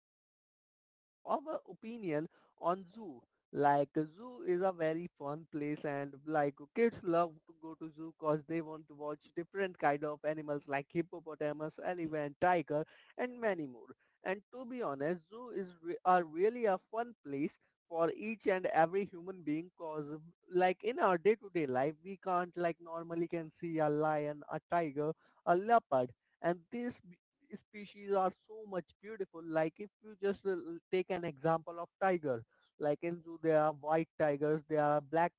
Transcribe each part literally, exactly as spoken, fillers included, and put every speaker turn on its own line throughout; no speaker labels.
going to take some of our opinion on zoo. Like, zoo is a very fun place, and like kids love to go to zoo cause they want to watch different kind of animals like hippopotamus, elephant, tiger and many more. And to be honest, zoo is re- a really a fun place for each and every human being cause like in our day to day life we can't like normally can see a lion, a tiger, a leopard, and these b- species are so much beautiful. Like if you just uh, take an example of tiger, like in zoo there are white tigers, there are black,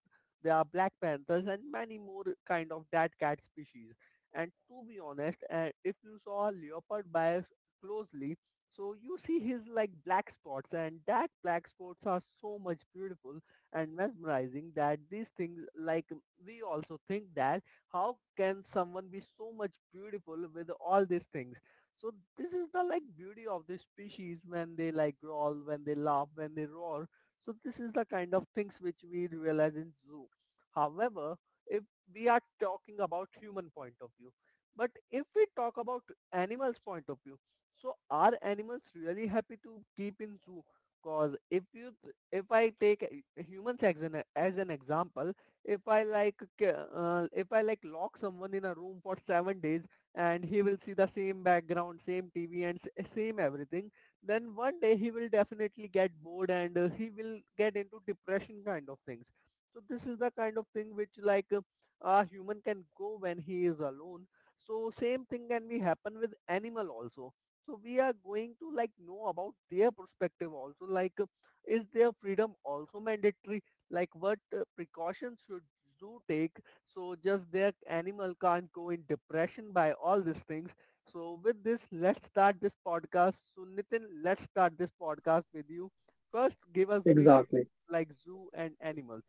there are black panthers and many more kind of that cat species. And to be honest, uh, if you saw a leopard by closely, so you see his like black spots, and that black spots are so much beautiful and mesmerizing that these things like, we also think that how can someone be so much beautiful with all these things. So this is the like beauty of the species when they like growl, when they laugh, when they roar. So this is the kind of things which we realize in zoo. However, if we are talking about human point of view, but if we talk about animals point of view, so are animals really happy to keep in zoo? Cause if you th- if I take a- a humans as an as an example, if I like ca- uh, if I like lock someone in a room for seven days and he will see the same background, same T V and s- same everything, then one day he will definitely get bored, and uh, he will get into depression kind of things. So this is the kind of thing which like uh, a human can go when he is alone. So same thing can be happen with animal also, so we are going to like know about their perspective also, like uh, is their freedom also mandatory, like what uh, precautions should zoo take so just their animal can't go in depression by all these things. So with this, let's start this podcast. So Nitin, let's start this podcast with you. First give us brief
Exactly.
like zoo and animals.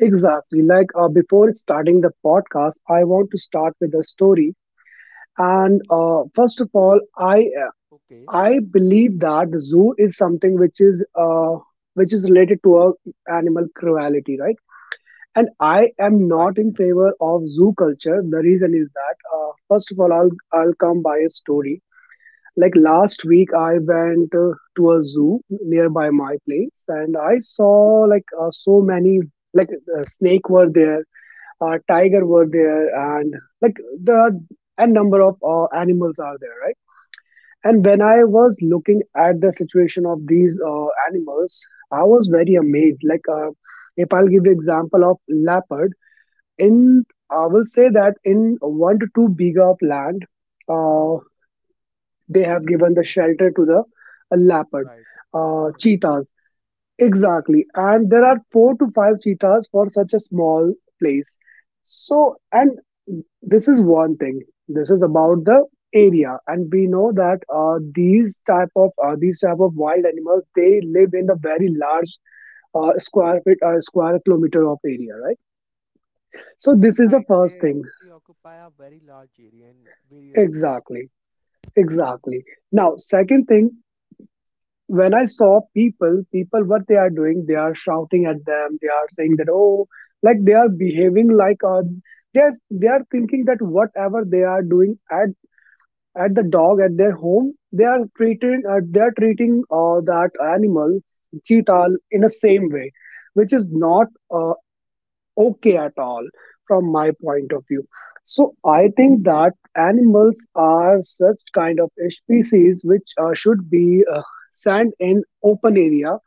Exactly. Like uh, before starting the podcast, I want to start with a story. And uh, First of all, I uh,
Okay.
I believe that the zoo is something which is uh, which is related to uh, animal cruelty, right? And I am
Right.
not in favor of zoo culture. The reason is that uh, first of all, I'll I'll come by a story. Like last week, I went uh, to a zoo nearby my place, and I
Okay,
saw like uh, so many like uh, snake were there, uh, tiger were there, and like there are a number of uh, animals are there, right? And when I was looking at the situation of these uh, animals, I was very amazed. Like uh, if I'll give you example of leopard, in I will say that in one to two big of land. Uh, they have given the shelter to the uh, leopard,
right, a lot
uh,
of animals.
cheetahs.
Right.
Exactly. And there are four to five cheetahs for such a small place. So, and this is one thing. This is about the area, and we know that uh, these type of uh, these type of wild animals they live in a very large uh, square feet or square kilometer of area, right? So this is the
Right,
first
they
thing.
actually occupy a very large area in various
Exactly, exactly. Now, second thing when I saw people, people, what they are doing, they are shouting at them. They are saying that, oh, like they are behaving like, uh, they are, they are thinking that whatever they are doing at, at the dog at their home, they are treating, uh, they are treating uh, that animal, cheetah, in the same way, which is not uh, okay at all from my point of view. So I think that animals are such kind of species which uh, should be uh, sent in open area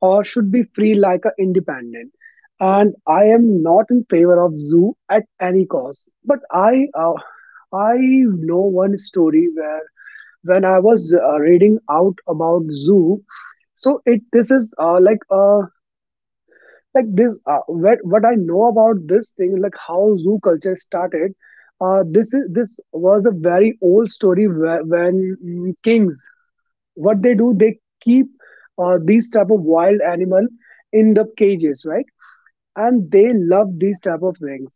or should be free like a independent. And I am not in favor of zoo at any cost. But I uh, I know one story where when I was uh, reading out about zoo, so it this is uh, like a like this uh, what, what I know about this thing like how zoo culture started uh, this is this was a very old story whe- when mm, kings what they do they keep uh, these type of wild animal in the cages, right? And they love these type of things.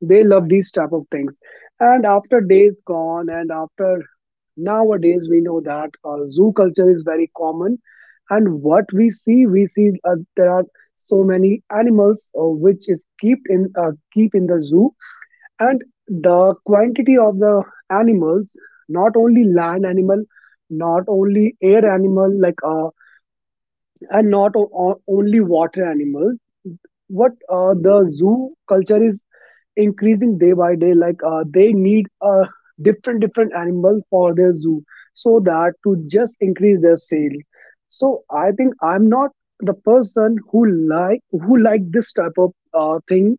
They love these
places.
type of things and after days gone and after nowadays we know that uh, zoo culture is very common and what we see we see uh, there are so many animals uh, which is keep in uh, keep in the zoo and the quantity of the animals, not only land animal, not only air animal like uh, and not o- o- only water animals. What uh, the zoo culture is increasing day by day. Like uh, they need a different different animal for their zoo, so that to just increase their sales. So I think I'm not the person who like who like this type of uh, thing.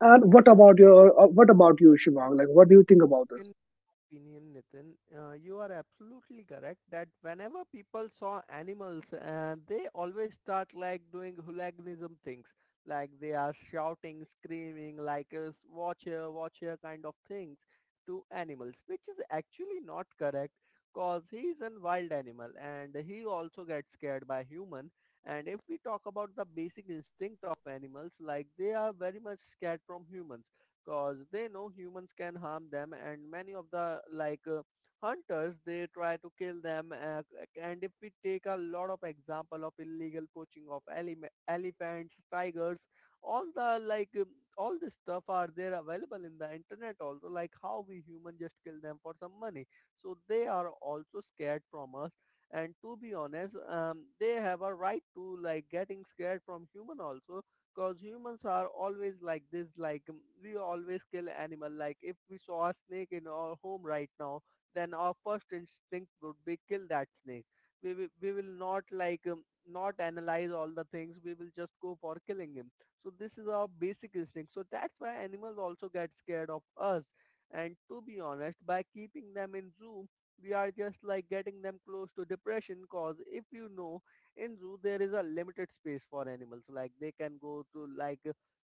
And what about your uh, what about you, Shivang? Like, what do you think about
In
this?
my opinion, Nitin, uh, you are absolutely correct that whenever people saw animals, uh, they always start like doing hooliganism things, like they are shouting, screaming, like uh, "watch here, watch here" kind of things to animals, which is actually not correct, cause he is a wild animal and he also gets scared by human. And if we talk about the basic instinct of animals, like they are very much scared from humans cause they know humans can harm them, and many of the like uh, hunters they try to kill them uh, and if we take a lot of example of illegal poaching of eleme- elephants, tigers, all the like um, all this stuff are there available in the internet also, like how we human just kill them for some money. So they are also scared from us. And to be honest, um, they have a right to like getting scared from human also. Cause humans are always like this, like um, we always kill animal. Like if we saw a snake in our home right now, then our first instinct would be kill that snake. We will, we will not like um, not analyze all the things. We will just go for killing him. So this is our basic instinct. So that's why animals also get scared of us. And to be honest, by keeping them in zoo, we are just like getting them close to depression. Cause if you know, in zoo there is a limited space for animals, like they can go to like,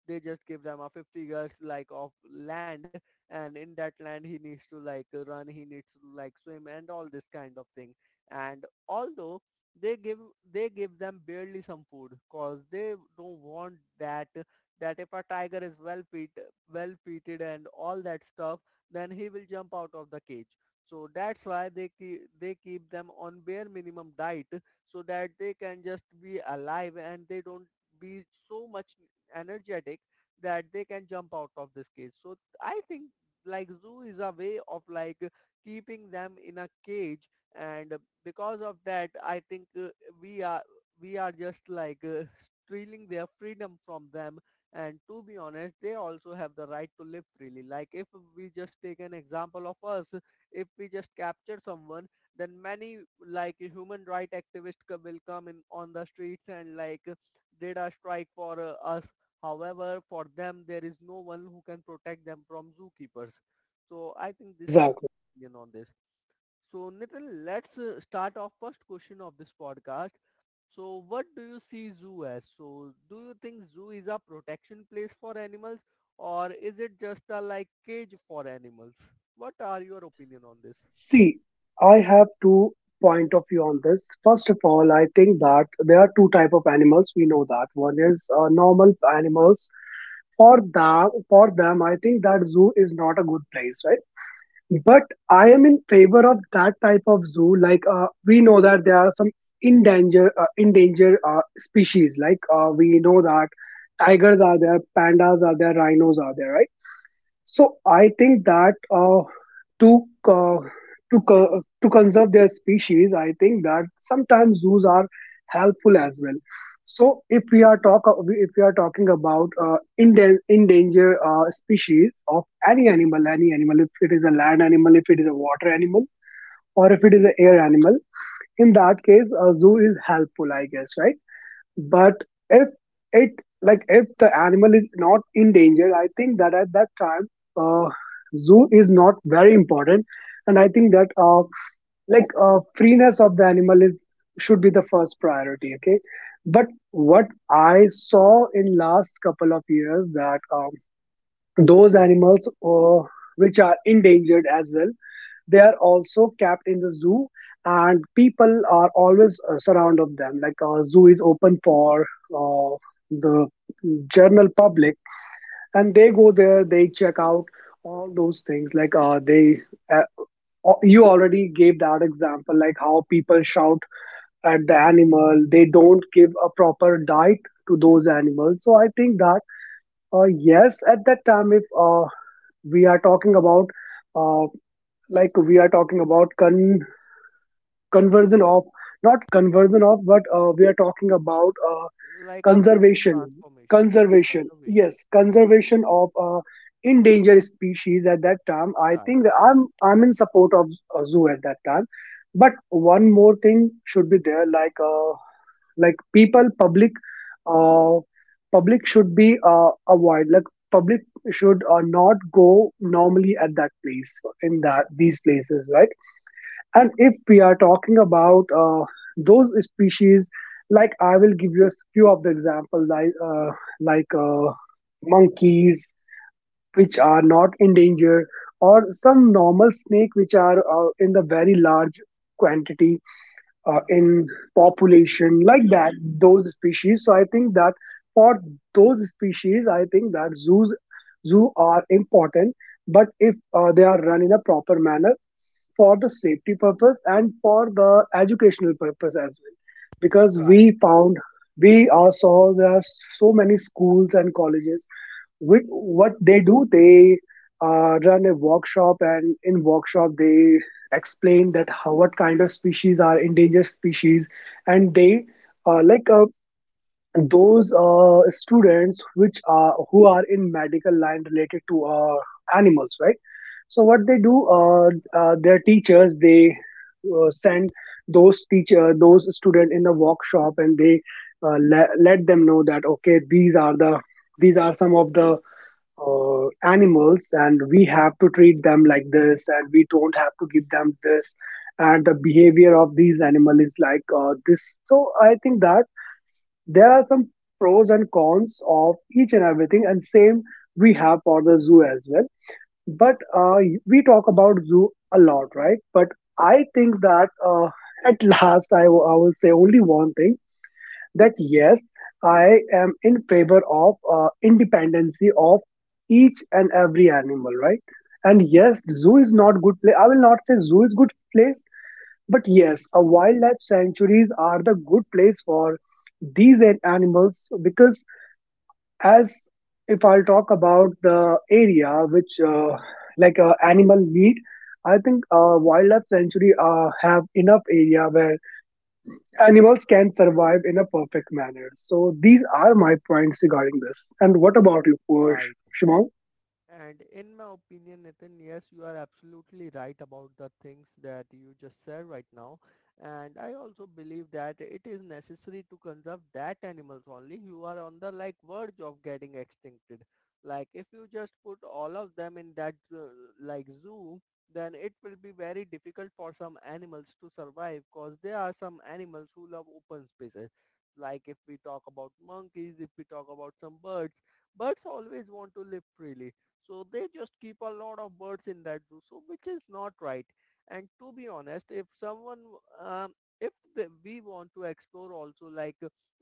they just give them a fifty yards like of land, and in that land he needs to like run, he needs to like swim and all this kind of thing. And although they give they give them barely some food cause they don't want that, that if a tiger is well feed, well feeded and all that stuff, then he will jump out of the cage. So that's why they keep they keep them on bare minimum diet so that they can just be alive and they don't be so much energetic that they can jump out of this cage. So I think like zoo is a way of like keeping them in a cage, and because of that I think uh, we are we are just like uh, stealing their freedom from them. And to be honest, they also have the right to live freely. Like if we just take an example of us, if we just capture someone, then many like human right activists co- will come in on the streets and like did a strike for uh, us. However, for them there is no one who can protect them from zookeepers. So I think this is my
Exactly.
opinion on this. So Nitin, let's uh, start off first question of this podcast. So what do you see zoo as? So do you think zoo is a protection place for animals or is it just a like cage for animals? What are your opinion on this?
See, I have two point of view on this. First of all, I think that there are two type of animals. We know that one is uh, normal animals. For them, for them, I think that zoo is not a good place, right? But I am in favor of that type of zoo. Like uh, we know that there are some endangered uh, endangered uh, species. Like uh, we know that tigers are there, pandas are there, rhinos are there, right? So I think that uh, to uh, to co- to conserve their species, I think that sometimes zoos are helpful as well. So if we are talk if we are talking about uh, inde- endangered uh, species of any animal, any animal, if it is a land animal, if it is a water animal, or if it is an air animal, in that case, a zoo is helpful, I guess, right? But if it like if the animal is not in danger, I think that at that time, uh, zoo is not very important, and I think that uh, like uh, freeness of the animal is should be the first priority. Okay, but what I saw in last couple of years that um, those animals uh, which are endangered as well they are also kept in the zoo and people are always uh, surround of them like a zoo is open for uh, the general public and they go there, they check out all those things, like uh, they uh, o- you already gave that example like how people shout at the animal, they don't give a proper diet to those animals. So I think that uh, yes, at that time if uh, we are talking about uh, like we are talking about con conversion of, not conversion of, but uh, we are talking about uh,
Like a full
conservation,
transformation. Okay,
conservation
conservation.
yes, conservation of uh, endangered species. At that time I think
Right,
that i'm I'm in support of a zoo at that time. But one more thing should be there, like uh, like people public uh, public should be uh, avoid, like public should uh, not go normally at that place in that these places, right? And if we are talking about uh, those species, like I will give you a few of the example, like uh, like uh, monkeys, which are not endangered, or some normal snake which are uh, in the very large quantity uh, in population, like that. Those species. So I think that for those species, I think that zoos zoo are important. But if uh, they are run in a proper manner, for the safety purpose and for the educational purpose as well, because
right,
we found we uh, saw there are so many schools and colleges which what they do, they uh, run a workshop, and in workshop they explain that how what kind of species are endangered species, and they uh, like uh, those uh, students which are who are in medical line related to uh, animals, right? So what they do, uh, uh, their teachers they uh, send those teacher, those student in the workshop, and they uh, le- let them know that okay, these are the these are some of the uh, animals, and we have to treat them like this, and we don't have to give them this, and the behavior of these animal is like uh, this. So I think that s- there are some pros and cons of each and everything, and same we have for the zoo as well. But uh, we talk about zoo a lot, right? But I think that uh, at last I, w- I will say only one thing that yes, I am in favor of uh, independency of each and every animal, right? And yes, zoo is not good place. I will not say zoo is good place, but yes, a wildlife sanctuaries are the good place for these an- animals because as if I'll talk about the area which, uh, like uh, animal need, I think uh, wildlife sanctuary uh, have enough area where animals can survive in a perfect manner. So these are my points regarding this. And what about you, Posh-
right.
Shimon?
And in my opinion, Nathan, yes, you are absolutely right about the things that you just said right now. And I also believe that it is necessary to conserve that animals only who are on the like verge of getting extincted. Like if you just put all of them in that uh, like zoo, then it will be very difficult for some animals to survive because there are some animals who love open spaces. Like if we talk about monkeys, if we talk about some birds, birds always want to live freely, so they just keep a lot of birds in that zoo, so which is not right. And to be honest, if someone, um, if the, we want to explore also like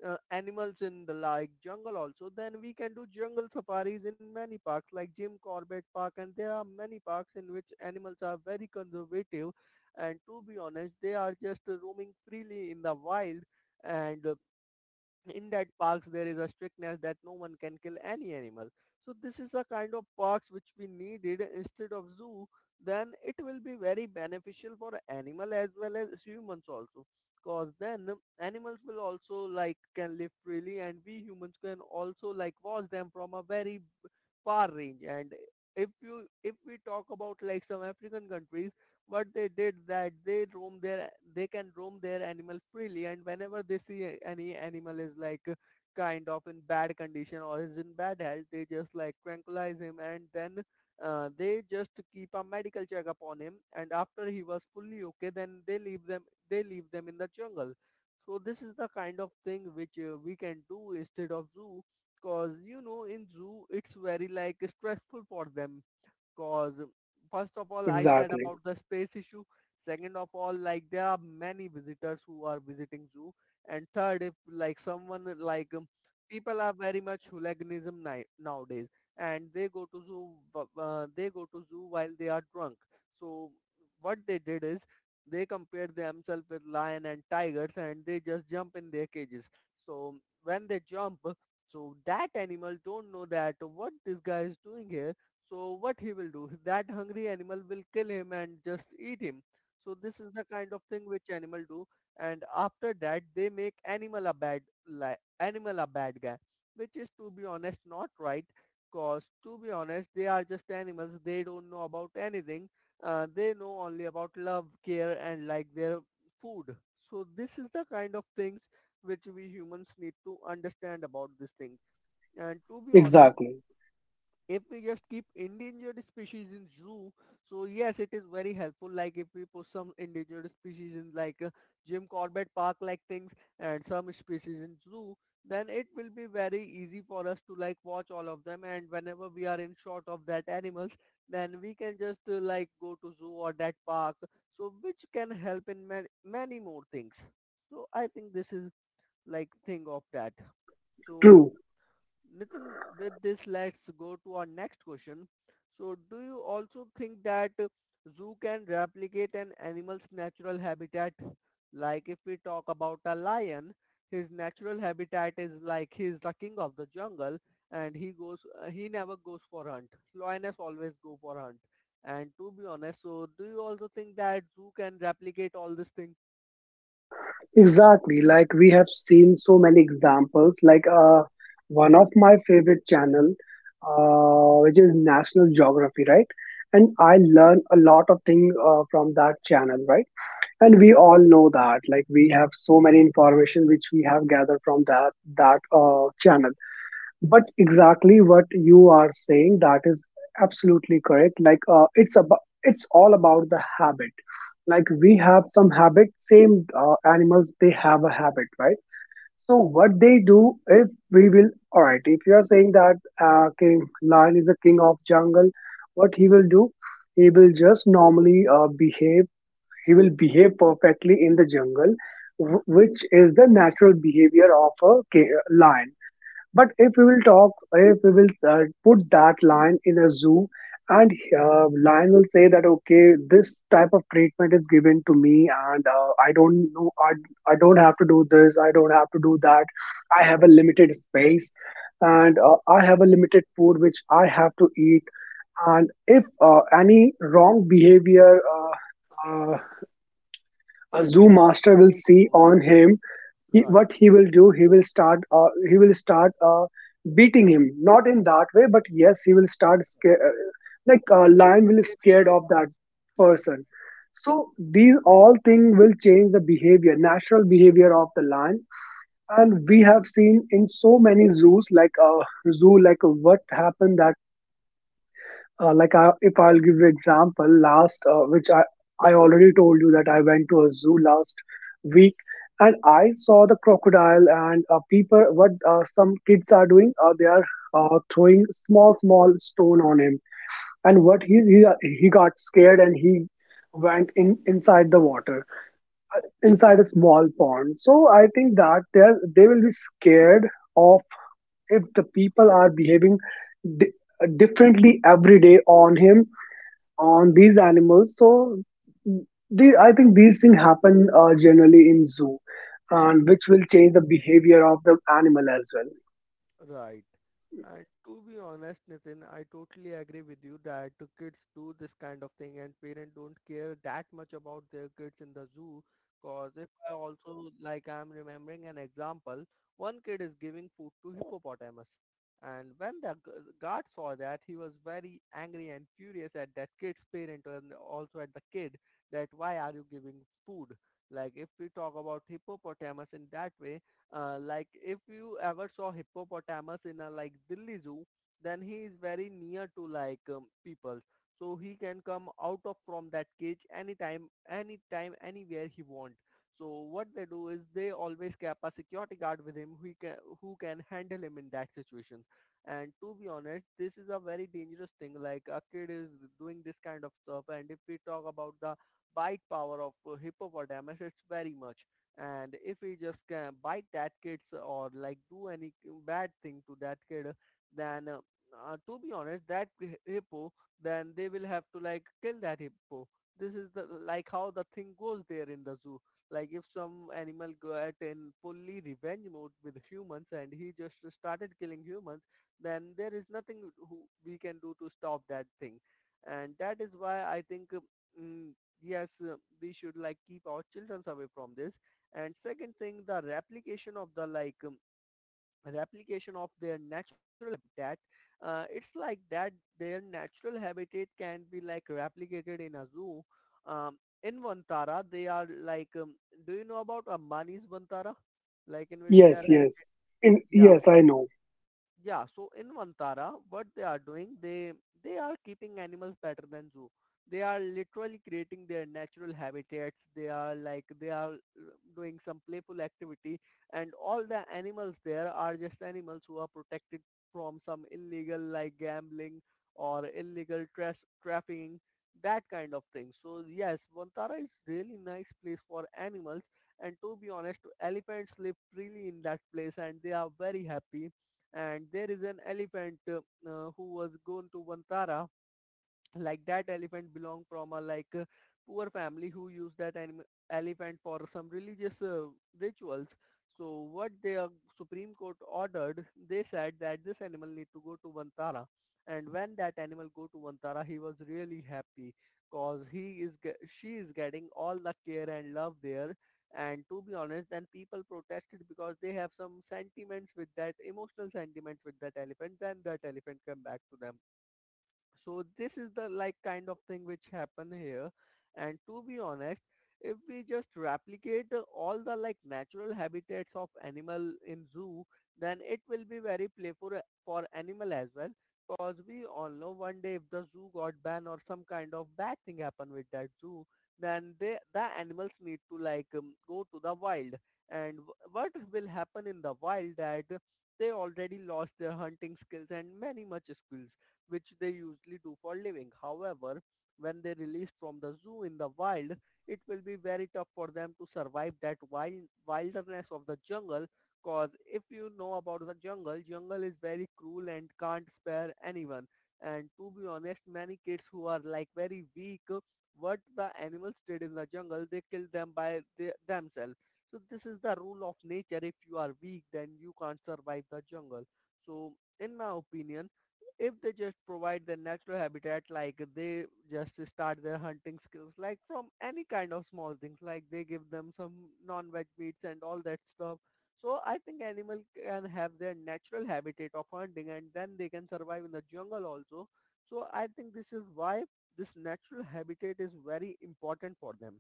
uh, animals in the like jungle also, then we can do jungle safaris in many parks like Jim Corbett Park, and there are many parks in which animals are very conservative and to be honest, they are just uh, roaming freely in the wild. And uh, in that parks there is a strictness that no one can kill any animal. So this is a kind of parks which we needed instead of zoo. Then it will be very beneficial for animal as well as humans also, because then animals will also like can live freely, and we humans can also like watch them from a very far range. And if you, if we talk about like some african countries, what they did that they roam their they can roam their animal freely, and whenever they see any animal is like uh, kind of in bad condition or is in bad health, they just like tranquilize him, and then uh, they just keep a medical check upon him, and after he was fully okay then they leave them they leave them in the jungle. So this is the kind of thing which uh, we can do instead of zoo. Cause you know, in zoo it's very like stressful for them. Cause first of all, I said
Exactly,
about the space issue. Second of all, like there are many visitors who are visiting zoo. And third, if like someone like um, people are very much hooliganism ni- nowadays, and they go to zoo, bu- uh, they go to zoo while they are drunk. So what they did is, they compared themselves with lion and tigers, and they just jump in their cages. So when they jump, so that animal don't know that what this guy is doing here, so what he will do? That hungry animal will kill him and just eat him. So this is the kind of thing which animal do. And after that, they make animal a bad li- animal a bad guy, which is to be honest not right. Cause to be honest, they are just animals. They don't know about anything. Uh, they know only about love, care, and like their food. So this is the kind of things which we humans need to understand about this thing. And to be honest,
exactly,
if we just keep endangered species in zoo, so yes, it is very helpful. Like if we put some endangered species in like uh, Jim Corbett Park like things, and some species in zoo, then it will be very easy for us to like watch all of them. And whenever we are in short of that animals, then we can just uh, like go to zoo or that park. So which can help in man- many more things. So I think this is like thing of that. So
true.
Nitin, with this, let's go to our next question. So, do you also think that zoo can replicate an animal's natural habitat? Like if we talk about a lion, his natural habitat is like he's the king of the jungle and he goes, uh, he never goes for hunt. Lioness always go for hunt. And to be honest, so do you also think that zoo can replicate all this thing
Exactly. Like we have seen so many examples. Like uh, one of my favorite channel, uh, which is National Geography, right? And I learn a lot of things uh, from that channel, right? And we all know that. Like we have so many information which we have gathered from that that uh, channel, but exactly what you are saying that is absolutely correct. Like uh, it's about it's all about the habit. Like we have some habit, same uh, animals they have a habit, right? So what they do, if we will all right, if you are saying that uh, king lion is a king of jungle, what he will do, he will just normally uh, behave, he will behave perfectly in the jungle, wh- which is the natural behavior of a ki- lion. But if we will talk, if we will uh, put that lion in a zoo, and uh, lion will say that okay, this type of treatment is given to me, and uh, I don't know, I, I don't have to do this, I don't have to do that. I have a limited space, and uh, I have a limited food which I have to eat. And if uh, any wrong behavior uh, uh, a zoo master will
in
see
shows?
on him, he,
Right.
what he will do he will start uh, he will start uh, beating him, not in that way, but yes he will start sca- uh, like uh,
They,
lion will be
they
scared of
will
that person. So these all things will change the behavior, natural behavior of the lion. And we have seen in so many zoos, like a zoo like what happened. Uh, like I, if I'll give you example, last uh, which I I already told you that I went to a zoo last week, and I saw the crocodile, and uh, people, what uh, some kids are doing, uh, they are uh, throwing small small stone on him. And what he he he got scared, and he went in inside the water, uh, inside a small pond. So I think that they they will be scared of if the people are behaving di- differently every day on him, on these animals. So the, I think these things happen uh, generally in zoo, and which will change the behavior of the animal as well.
Right. And to be honest, Nitin, I totally agree with you that the kids do this kind of thing and parents don't care that much about their kids in the zoo. Cause if I also like I'm remembering an example, one kid is giving food to hippopotamus. And when the gu- guard saw that, he was very angry and furious at that kid's parent and also at the kid, that why are you giving food? Like if we talk about hippopotamus in that way, uh, like if you ever saw hippopotamus in a like Delhi zoo, then he is very near to like um, people. So he can come out of from that cage anytime, anytime, anywhere he want. So what they do is they always keep a security guard with him who can who can handle him in that situation. And to be honest, this is a very dangerous thing. Like a kid is doing this kind of stuff, and if we talk about the bite power of uh, hippopotamus, it's very much. And if we just can bite that kids or like do any bad thing to that kid, then uh, uh, to be honest that hi- hippo, then they will have to like kill that hippo. This is the like how the thing goes there in the zoo. Like if some animal got in fully revenge mode with humans and he just started killing humans, then there is nothing who we can do to stop that thing. And that is why I think, uh, mm, yes, uh, we should like keep our children away from this. And second thing, the replication of the like um, replication of their natural habitat. Uh, it's like that their natural habitat can be like replicated in a zoo. Um, in Vantara, they are like, um, do you know about Ambani's Vantara? Like in which they are,
Yes, yes, in,
yeah.
yes. I know.
Yeah, so in Vantara, what they are doing, they they are keeping animals better than zoo. They are literally creating their natural habitats. They are like they are uh, doing some playful activity, and all the animals there are just animals who are protected from some illegal like gambling or illegal tra- trafficking, that kind of thing. So yes, Vantara is really nice place for animals, and to be honest, elephants live freely in that place, and they are very happy. And there is an elephant uh, uh, who was going to Vantara. Like that elephant belong from a like uh, poor family who use that anim- elephant for some religious uh, rituals. So what the supreme court ordered, they said that this animal need to go to Vantara. And when that animal go to Vantara, he was really happy, cause he is ge- she is getting all the care and love there. And to be honest, then people protested because they have some sentiments with that, emotional sentiments with that elephant, then that elephant come back to them. So this is the like kind of thing which happen here. And to be honest, if we just replicate uh, all the like natural habitats of animal in zoo, then it will be very playful uh, for animal as well. Because we all know one day if the zoo got banned or some kind of bad thing happened with that zoo, then they the animals need to like um, go to the wild. And w- what will happen in the wild, that they already lost their hunting skills and many much skills which they usually do for living. However, when they released from the zoo in the wild, it will be very tough for them to survive that wild wilderness of the jungle. Cause if you know about the jungle, jungle is very cruel and can't spare anyone. And to be honest, many kids who are like very weak, what the animals did in the jungle, they killed them by the, themselves. So this is the rule of nature. If you are weak, then you can't survive the jungle. So in my opinion, if they just provide their natural habitat, like they just start their hunting skills, like from any kind of small things, like they give them some non-veg meats and all that stuff. So I think animal can have their natural habitat of hunting and then they can survive in the jungle also. So I think this is why this natural habitat is very important for them.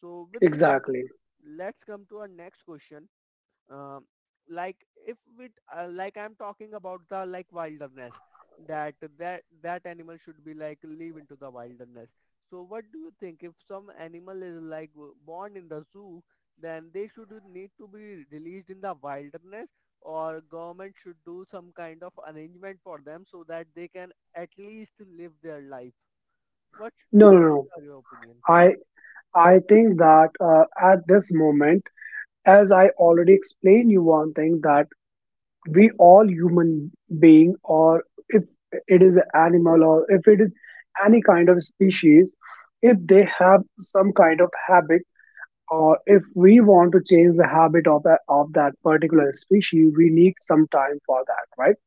So with this,
Exactly.
let's come to our next question. Um, like if it uh, like I'm talking about the like wilderness, that that that animal should be like live into the wilderness. So what do you think if some animal is like w- born in the zoo, then they should need to be released in the wilderness or government should do some kind of arrangement for them so that they can at least live their life. What
No, no, no.
are your opinion?
I I think that uh, at this moment, as I already explained you one thing, that we all human being, or if it is an animal, or if it is any kind of species, if they have some kind of habit, or if we want to change the habit of, a, of that particular species, we need some time for that, right?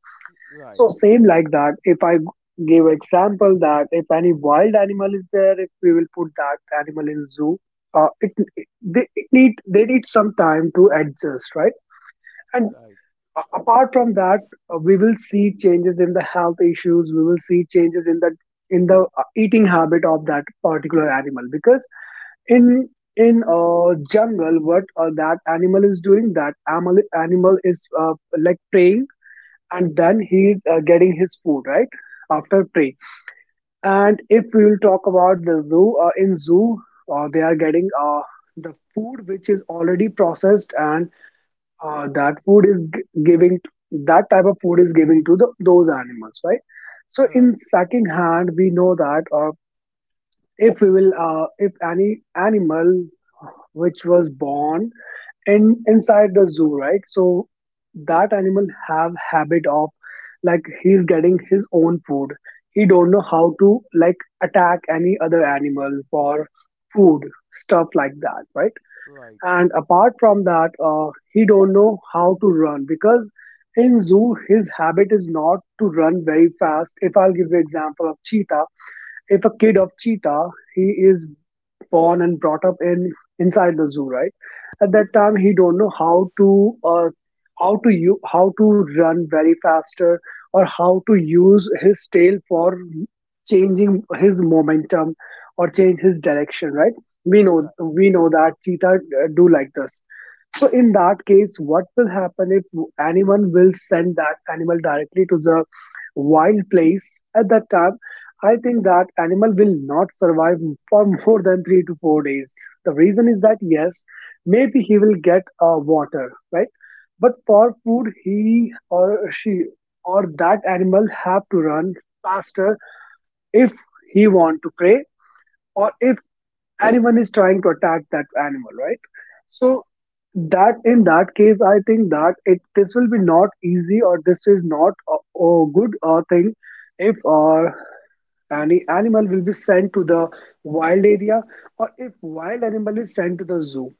Right,
So same like that, if I give example that if any wild animal is there, if we will put that animal in zoo, uh, it, it- they it need they need some time to adjust, right? And
right,
a- apart from that, uh, we will see changes in the health issues. We will see changes in the in the uh, eating habit of that particular animal, because in in uh, jungle, what uh, that animal is doing, that animal animal is uh, like preying, and then he is uh, getting his food right after prey. And if we will talk about the zoo, uh, in zoo, uh, they are getting uh, the food which is already processed and uh, that food is g- giving that type of food is giving to the, those animals, right? So in
right,
second hand, we know that uh, if we will uh, if any animal which was born in inside the zoo, right? So that animal have habit of like he's getting his own food, he don't know how to like attack any other animal for food, stuff like that, right?
right,
And apart from that, uh, he don't know how to run, because in zoo his habit is not to run very fast. If I'll give you example of cheetah, if a kid of cheetah, he is born and brought up in inside the zoo, right? At that time, he don't know how to uh, how to you how to run very faster, or how to use his tail for changing his momentum or change his direction, right? We know,
right.
we know that cheetah uh, do like this. So in that case, what will happen if anyone will send that animal directly to the wild place at that time? I think that animal will not survive for more than three to four days. The reason is that yes, maybe he will get uh, water, right? But for food, he or she or that animal have to run faster if he want to prey, or if anyone is trying to attack that animal, right? So that in that case, I think that it this will be not easy, or this is not a, a good uh, thing if uh, any animal will be sent to the wild area, or if wild animal is sent to the zoo.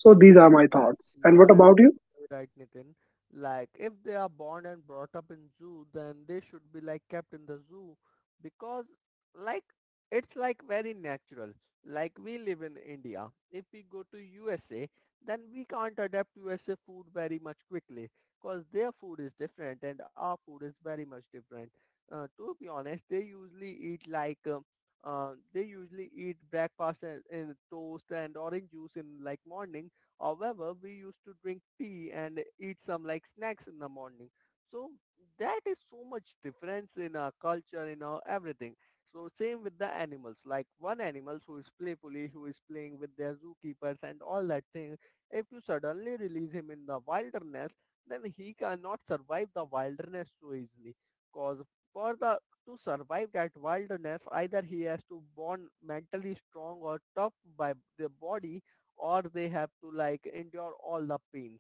So these are my
Yes,
thoughts.
you
And what
are
about you?
absolutely right, Nitin. Like, if they are born and brought up in zoo, then they should be like kept in the zoo because, like, it's like very natural. Like we live in India. If we go to U S A, then we can't adapt U S A food very much quickly because their food is different and our food is very much different. Uh, to be honest, they usually eat like um, uh, they usually eat breakfast and, and toast and orange juice in like morning. However, we used to drink tea and eat some like snacks in the morning. So that is so much difference in our culture, in our everything. So same with the animals. Like one animal who is playfully, who is playing with their zookeepers and all that thing. If you suddenly release him in the wilderness, then he cannot survive the wilderness so easily. Cause for the to survive that wilderness, either he has to born mentally strong or tough by the body, or they have to like endure all the pains.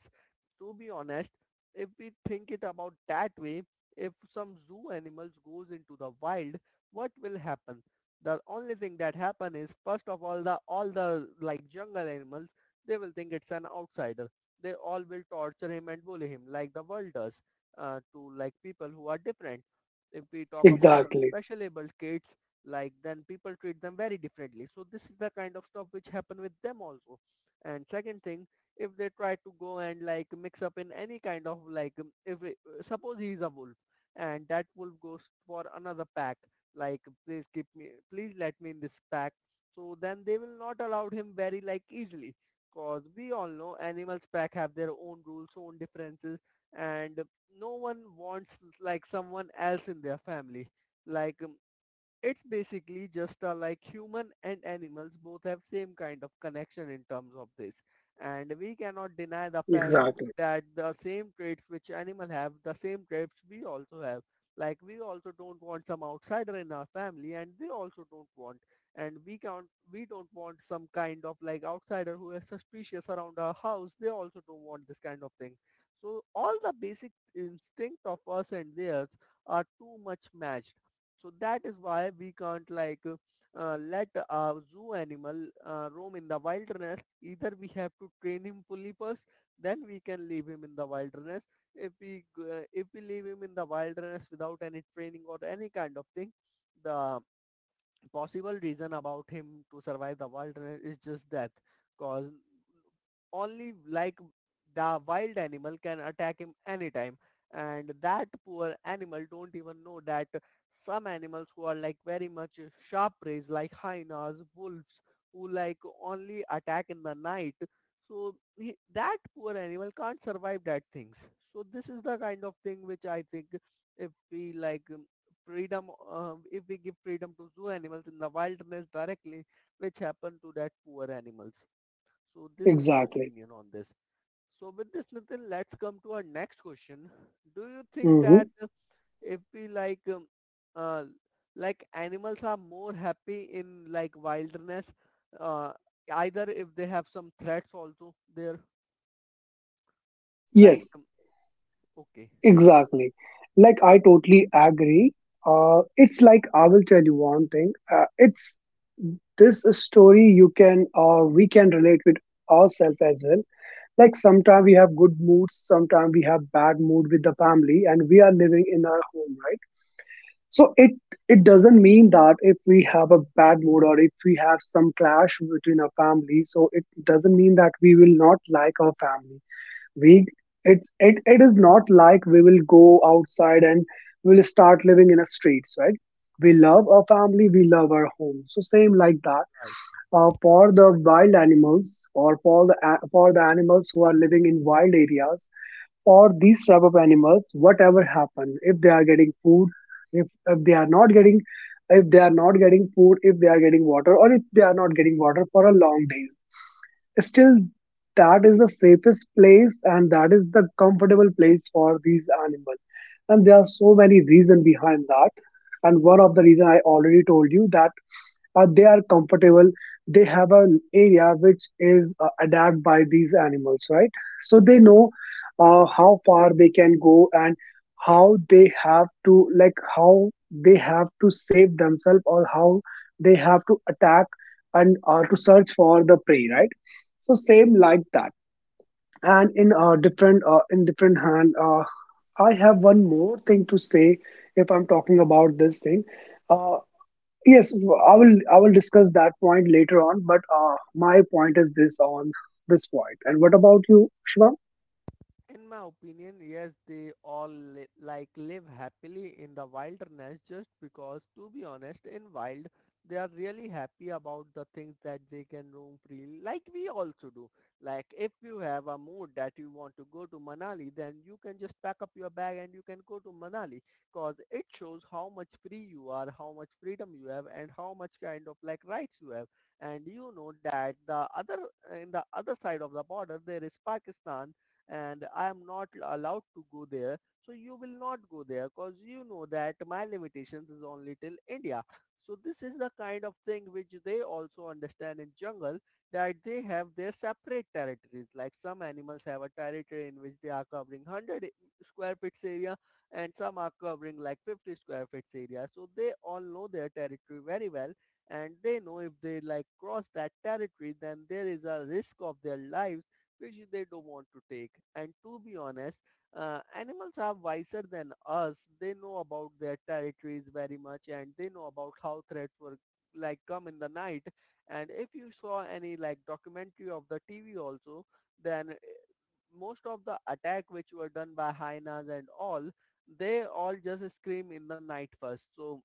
To be honest, if we think it about that way, if some zoo animals goes into the wild, what will happen? The only thing that happen is first of all the all the like jungle animals, they will think it's an outsider. They all will torture him and bully him like the world does uh, to like people who are different. If we talk about some
Exactly.
special able kids, like then people treat them very differently. So this is the kind of stuff which happen with them also. And second thing, if they try to go and like mix up in any kind of like um, if it, uh, suppose he's a wolf and that wolf goes for another pack, like please keep me, please let me in this pack. So then they will not allow him very like easily, cause we all know animals pack have their own rules, own differences. And no one wants like someone else in their family, like um, it's basically just uh, like human and animals both have same kind of connection in terms of this, and we cannot deny the fact
Exactly.
that the same traits which animal have, the same traits we also have. Like we also don't want some outsider in our family, and they also don't want. And we can't, we don't want some kind of like outsider who is suspicious around our house, they also don't want this kind of thing. So all the basic instinct of us and theirs are too much matched. So that is why we can't like uh, uh, let a zoo animal uh, roam in the wilderness. Either we have to train him fully first, then we can leave him in the wilderness. If we g- uh, if we leave him in the wilderness without any training or any kind of thing, the possible reason about him to survive the wilderness is just death. Cause only like the wild animal can attack him anytime, and that poor animal don't even know that some animals who are like very much sharp prey, like hyenas, wolves, who like only attack in the night. So he, that poor animal can't survive that things. So this is the kind of thing which I think if we like um, freedom, uh, if we give freedom to zoo animals in the wilderness directly, which happened to that poor animals. So this is my
Exactly.
opinion on this. So with this, Nitin, let's come to our next question. Do you think that
Hmm.
uh, if we like, um, uh, like animals are more happy in like wilderness, uh, either if they have some threats also there, like,
Yes.
um, okay,
Exactly. Like I totally agree. Uh, it's like I will tell you one thing. Uh, it's this story you can uh, we can relate with ourselves as well. Like sometimes we have good moods, sometimes we have bad mood with the family, and we are living in our home, right? So it it doesn't mean that if we have a bad mood, or if we have some clash between our family, so it doesn't mean that we will not like our family. We it, it it is not like we will go outside and we'll start living in a streets, right? We love our family, we love our home. So same like that.
right.
Uh, for the wild animals, or for the a- for the animals who are living in wild areas, for these type of animals, whatever happen, if they are getting food, if if they are not getting, if they are not getting food, if they are getting water, or if they are not getting water for a long day, still that is the safest place, and that is the comfortable place for these animals. And there are so many reasons behind that, and one of the reason I already told you that uh, they are comfortable, they have an area which is uh, adapted by these animals, right? So they know uh, how far they can go, and how they have to like how they have to save themselves, or how they have to attack, and uh, to search for the prey, right? So same like that. And in uh, different uh, in different hand, uh, I have one more thing to say if I'm talking about this thing. Uh, yes, I will, I will discuss that point later on. But uh, my point is this on this point. And what about you, Shivam?
In my opinion, yes, they all li- like live happily in the wilderness just because, to be honest, in wild, they are really happy about the things that they can roam freely, like we also do. Like if you have a mood that you want to go to Manali, then you can just pack up your bag and you can go to Manali because it shows how much free you are, how much freedom you have, and how much kind of like rights you have. And you know that the other in the other side of the border there is Pakistan and I am not allowed to go there. So you will not go there because you know that my limitations is only till India. So this is the kind of thing which they also understand in jungle, that they have their separate territories. Like some animals have a territory in which they are covering one hundred square feet area, and some are covering like fifty square feet area. So they all know their territory very well, and they know if they like cross that territory then there is a risk of their life, which they don't want to take. And to be honest, uh, animals are wiser than us. They know about their territories very much and they know about how threats were like come in the night. And if you saw any like documentary of the T V also, then most of the attack which were done by hyenas and all, they all just scream in the night first. So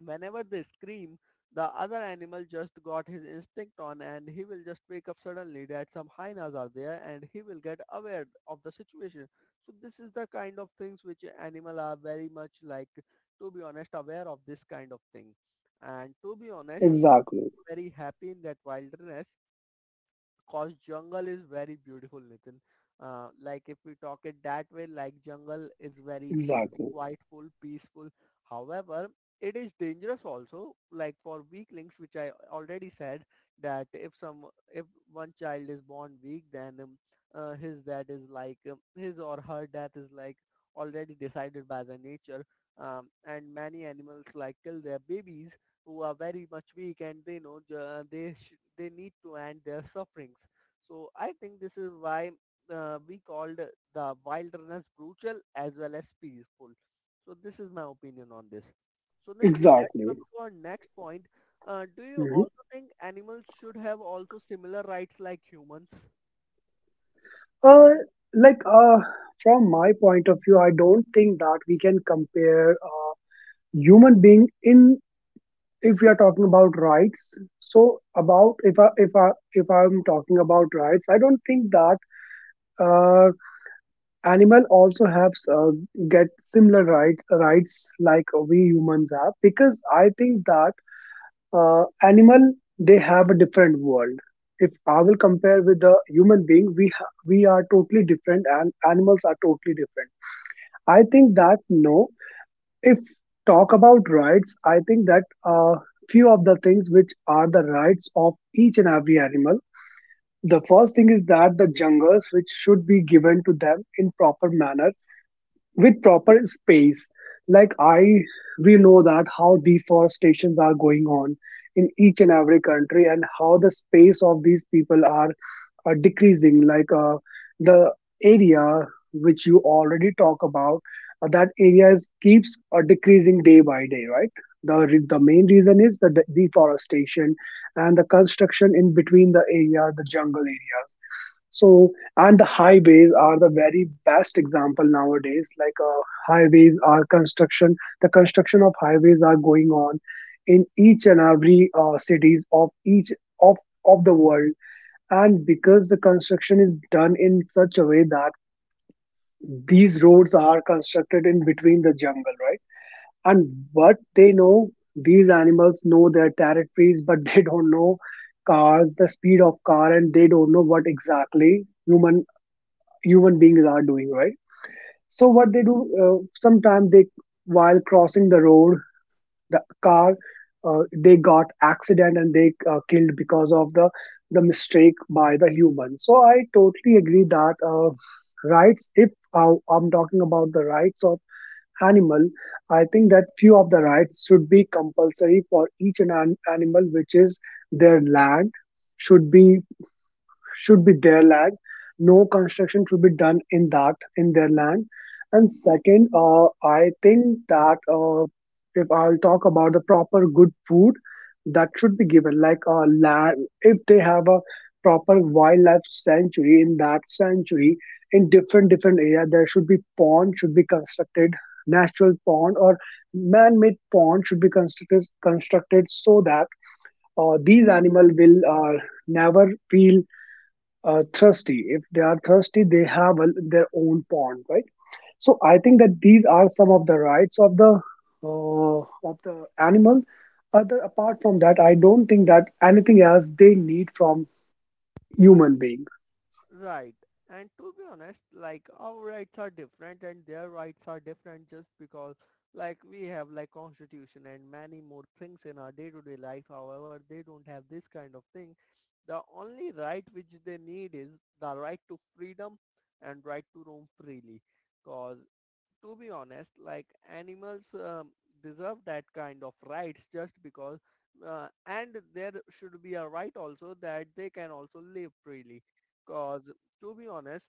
whenever they scream, the other animal just got his instinct on and he will just wake up suddenly that some hyenas are there and he will get aware of the situation. So this is the kind of things which animal are very much like, to be honest, aware of this kind of thing. And to be honest, he is
Exactly,
very happy in that wilderness, cause jungle is very beautiful, Nitin. Uh, like if we talk it that way, like jungle is very pe-
exactly,
quietful, peaceful. However, it is dangerous also. Like for weaklings, which I already said, that if some if one child is born weak, then um, uh, his, that is like um, his or her death is like already decided by the nature. Um, and many animals like kill their babies who are very much weak, and they know uh, they sh- they need to end their sufferings. So I think this is why uh, we called the wilderness brutal as well as peaceful. So this is my opinion on this. So Nitin, let's
exactly.
come to our next point. Uh, do you
Mhm.
also think animals should have also similar rights like humans?
Uh, like uh, from my point of view, I don't think that we can compare a human being in, if we are talking about rights. So about, if i if i if i'm talking about rights, I don't think that uh, animal also have uh, get similar right, rights like we humans have, because I think that uh, animal, they have a different world. If I will compare with the human being, we ha- we are totally different and animals are totally different. I think that no, if talk about rights, I think that uh, few of the things which are the rights of each and every animal, the first thing is that the jungles which should be given to them in proper manner, with proper space. Like I We know that how deforestations are going on in each and every country, and how the space of these people are uh, decreasing, like uh, the area which you already talk about, uh, that area is, keeps uh, decreasing day by day, right? The re- the main reason is the de- deforestation, and the construction in between the area, the jungle areas. So and the highways are the very best example nowadays, like uh, highways are construction the construction of highways are going on in each and every uh, cities of each of of the world. And because the construction is done in such a way that these roads are constructed in between the jungle, right? And what they know, these animals know their territories, but they don't know cars, the speed of car, and they don't know what exactly human human beings are doing, right? So what they do, uh, sometimes they, while crossing the road, the car, uh, they got accident, and they uh, killed because of the the mistake by the human. So I totally agree that uh, rights, if uh, I'm talking about the rights of animal, I think that few of the rights should be compulsory for each an an- animal, which is their land should be, should be their land. No construction should be done in that, in their land. And second, uh, I think that uh, if I'll talk about the proper good food that should be given, like uh, land, if they have a proper wildlife sanctuary, in that sanctuary in different different area, there should be pond should be constructed, natural pond or man-made pond should be constructed constructed so that uh, these animal will uh, never feel uh, thirsty. If they are thirsty, they have a, their own pond, right? So I think that these are some of the rights of the uh, of the animal. Other apart from that, I don't think that anything else they need from human being.
Right. And to be honest, like our rights are different and their rights are different, just because like we have like constitution and many more things in our day-to-day life. However, they don't have this kind of thing. The only right which they need is the right to freedom and right to roam freely. Cause to be honest, like animals um, deserve that kind of rights, just because, uh, and there should be a right also that they can also live freely. Cause to be honest,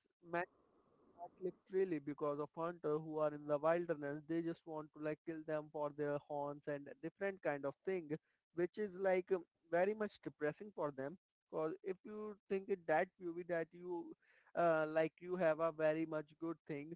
exactly freely, because of hunter who are in the wilderness, they just want to like kill them for their horns and different kind of thing, which is like um, very much depressing for them, because if you think it that view that you uh, like you have a very much good thing,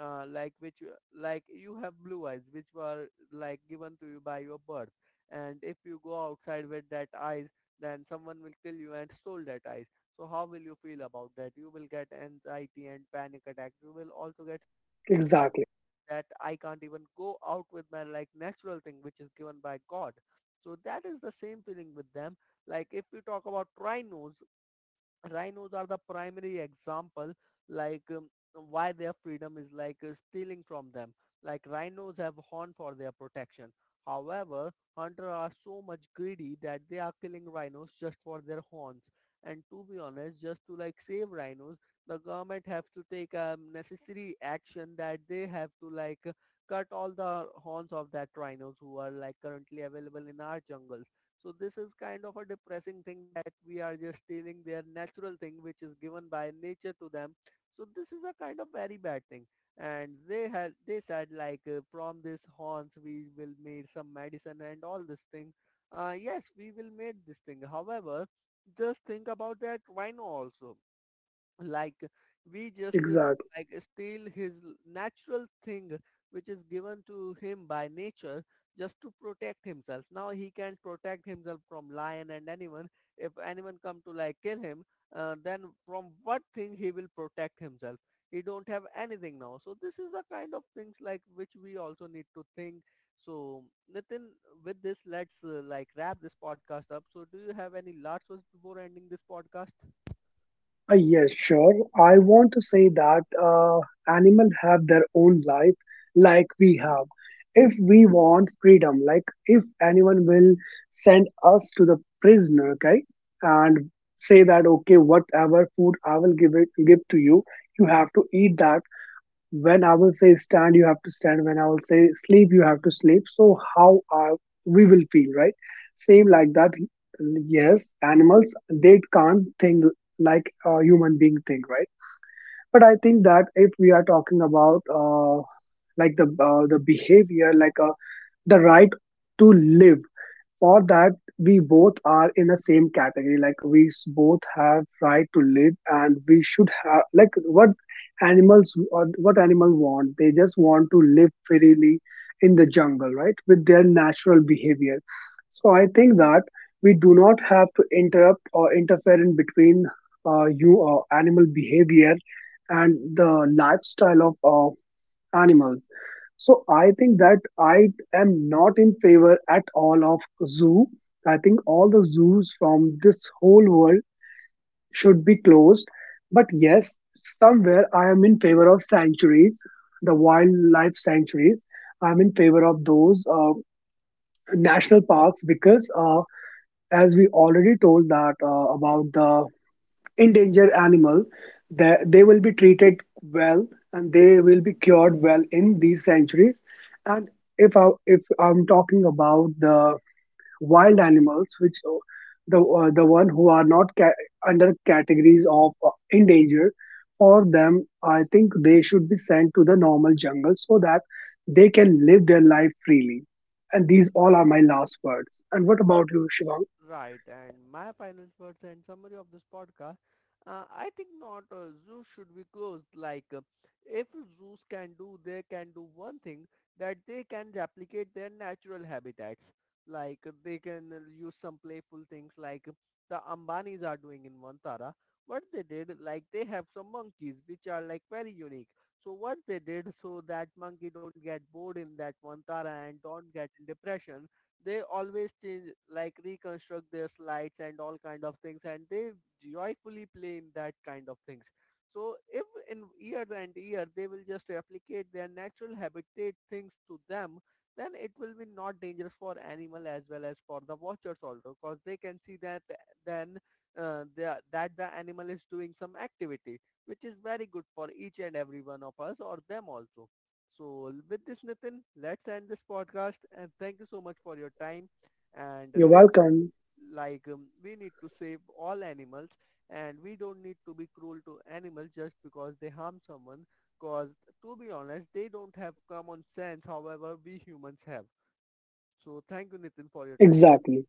uh, like which uh, like you have blue eyes which were like given to you by your birth, and if you go outside with that eyes, then someone will kill you and stole that eyes. So how will you feel about that? You will get anxiety and panic attack. You will also get
Exactly,
that I can't even go out with my like natural thing which is given by God. So that is the same feeling with them. Like if we talk about rhinos, rhinos are the primary example, like um, why their freedom is like uh, stealing from them. Like rhinos have horn for their protection, however hunters are so much greedy that they are killing rhinos just for their horns. And to be honest, just to like save rhinos, the government have to take a necessary action, that they have to like uh, cut all the horns of that rhinos who are like currently available in our jungle. So this is kind of a depressing thing, that we are just stealing their natural thing which is given by nature to them. So this is a kind of very bad thing. And they had they said like uh, from this horns we will make some medicine and all this thing. Uh, yes, we will make this thing. However, just think about that rhino also, like we just uh,
exactly.
like steal his l- natural thing, which is given to him by nature just to protect himself. Now he can protect himself from lion and anyone. If anyone come to like kill him, uh, then from what thing he will protect himself? He don't have anything now. So this is the kind of things like which we also need to think. So Nitin, with this, let's uh, like wrap this podcast up. So do you have any last words before ending this podcast?
Uh, yes, sure. I want to say that uh, animals have their own life, like we have. If we want freedom, like if anyone will send us to the prisoner, okay, and say that okay, whatever food I will give it give to you, you have to eat that, when I will say stand, you have to stand, when I will say sleep, you have to sleep. So how are we will feel, right? Same like that. Yes, animals they can't think like a human being think, right? But I think that if we are talking about uh, like the uh, the behavior, like uh, the right to live, or that we both are in the same category, like we s- both have right to live, and we should have like what animals or what animal want, they just want to live freely in the jungle, right, with their natural behavior. So I think that we do not have to interrupt or interfere in between uh, you uh, animal behavior and the lifestyle of uh, animals. So I think that I am not in favor at all of zoo. I think all the zoos from this whole world should be closed. But yes, somewhere I am in favor of sanctuaries, the wildlife sanctuaries. I'm in favor of those uh, national parks, because uh, as we already told that uh, about the endangered animal, that they will be treated well and they will be cured well in these sanctuaries. And if I, if i'm talking about the wild animals which uh, the uh, the one who are not ca- under categories of uh, endangered, for them I think they should be sent to the normal jungle so that they can live their life freely. And these all are my last words. And what about you, Shivang?
Right, and my final words and summary of this podcast. Uh, I think not. Uh, zoos should be closed. Like, uh, if zoos can do, they can do one thing, that they can replicate their natural habitats. Like, uh, they can uh, use some playful things, like uh, the Ambanis are doing in Vantara. What they did, like they have some monkeys which are like very unique. So what they did, so that monkey don't get bored in that Vantara and don't get in depression, they always change, like reconstruct their slides and all kind of things, and they joyfully play in that kind of things. So if in year and year they will just replicate their natural habitat things to them, then it will be not dangerous for animal as well as for the watchers also, because they can see that eh, then uh, they are- that the animal is doing some activity which is very good for each and every one of us or them also. So with this, Nitin, let's end this podcast and thank you so much for your time. And uh,
You're
till
welcome.
like um, we need to save all animals, and we don't need to be cruel to animals just because they harm someone, because to be honest they don't have common sense, however we humans have. So thank you, Nitin, for your time.
Exactly.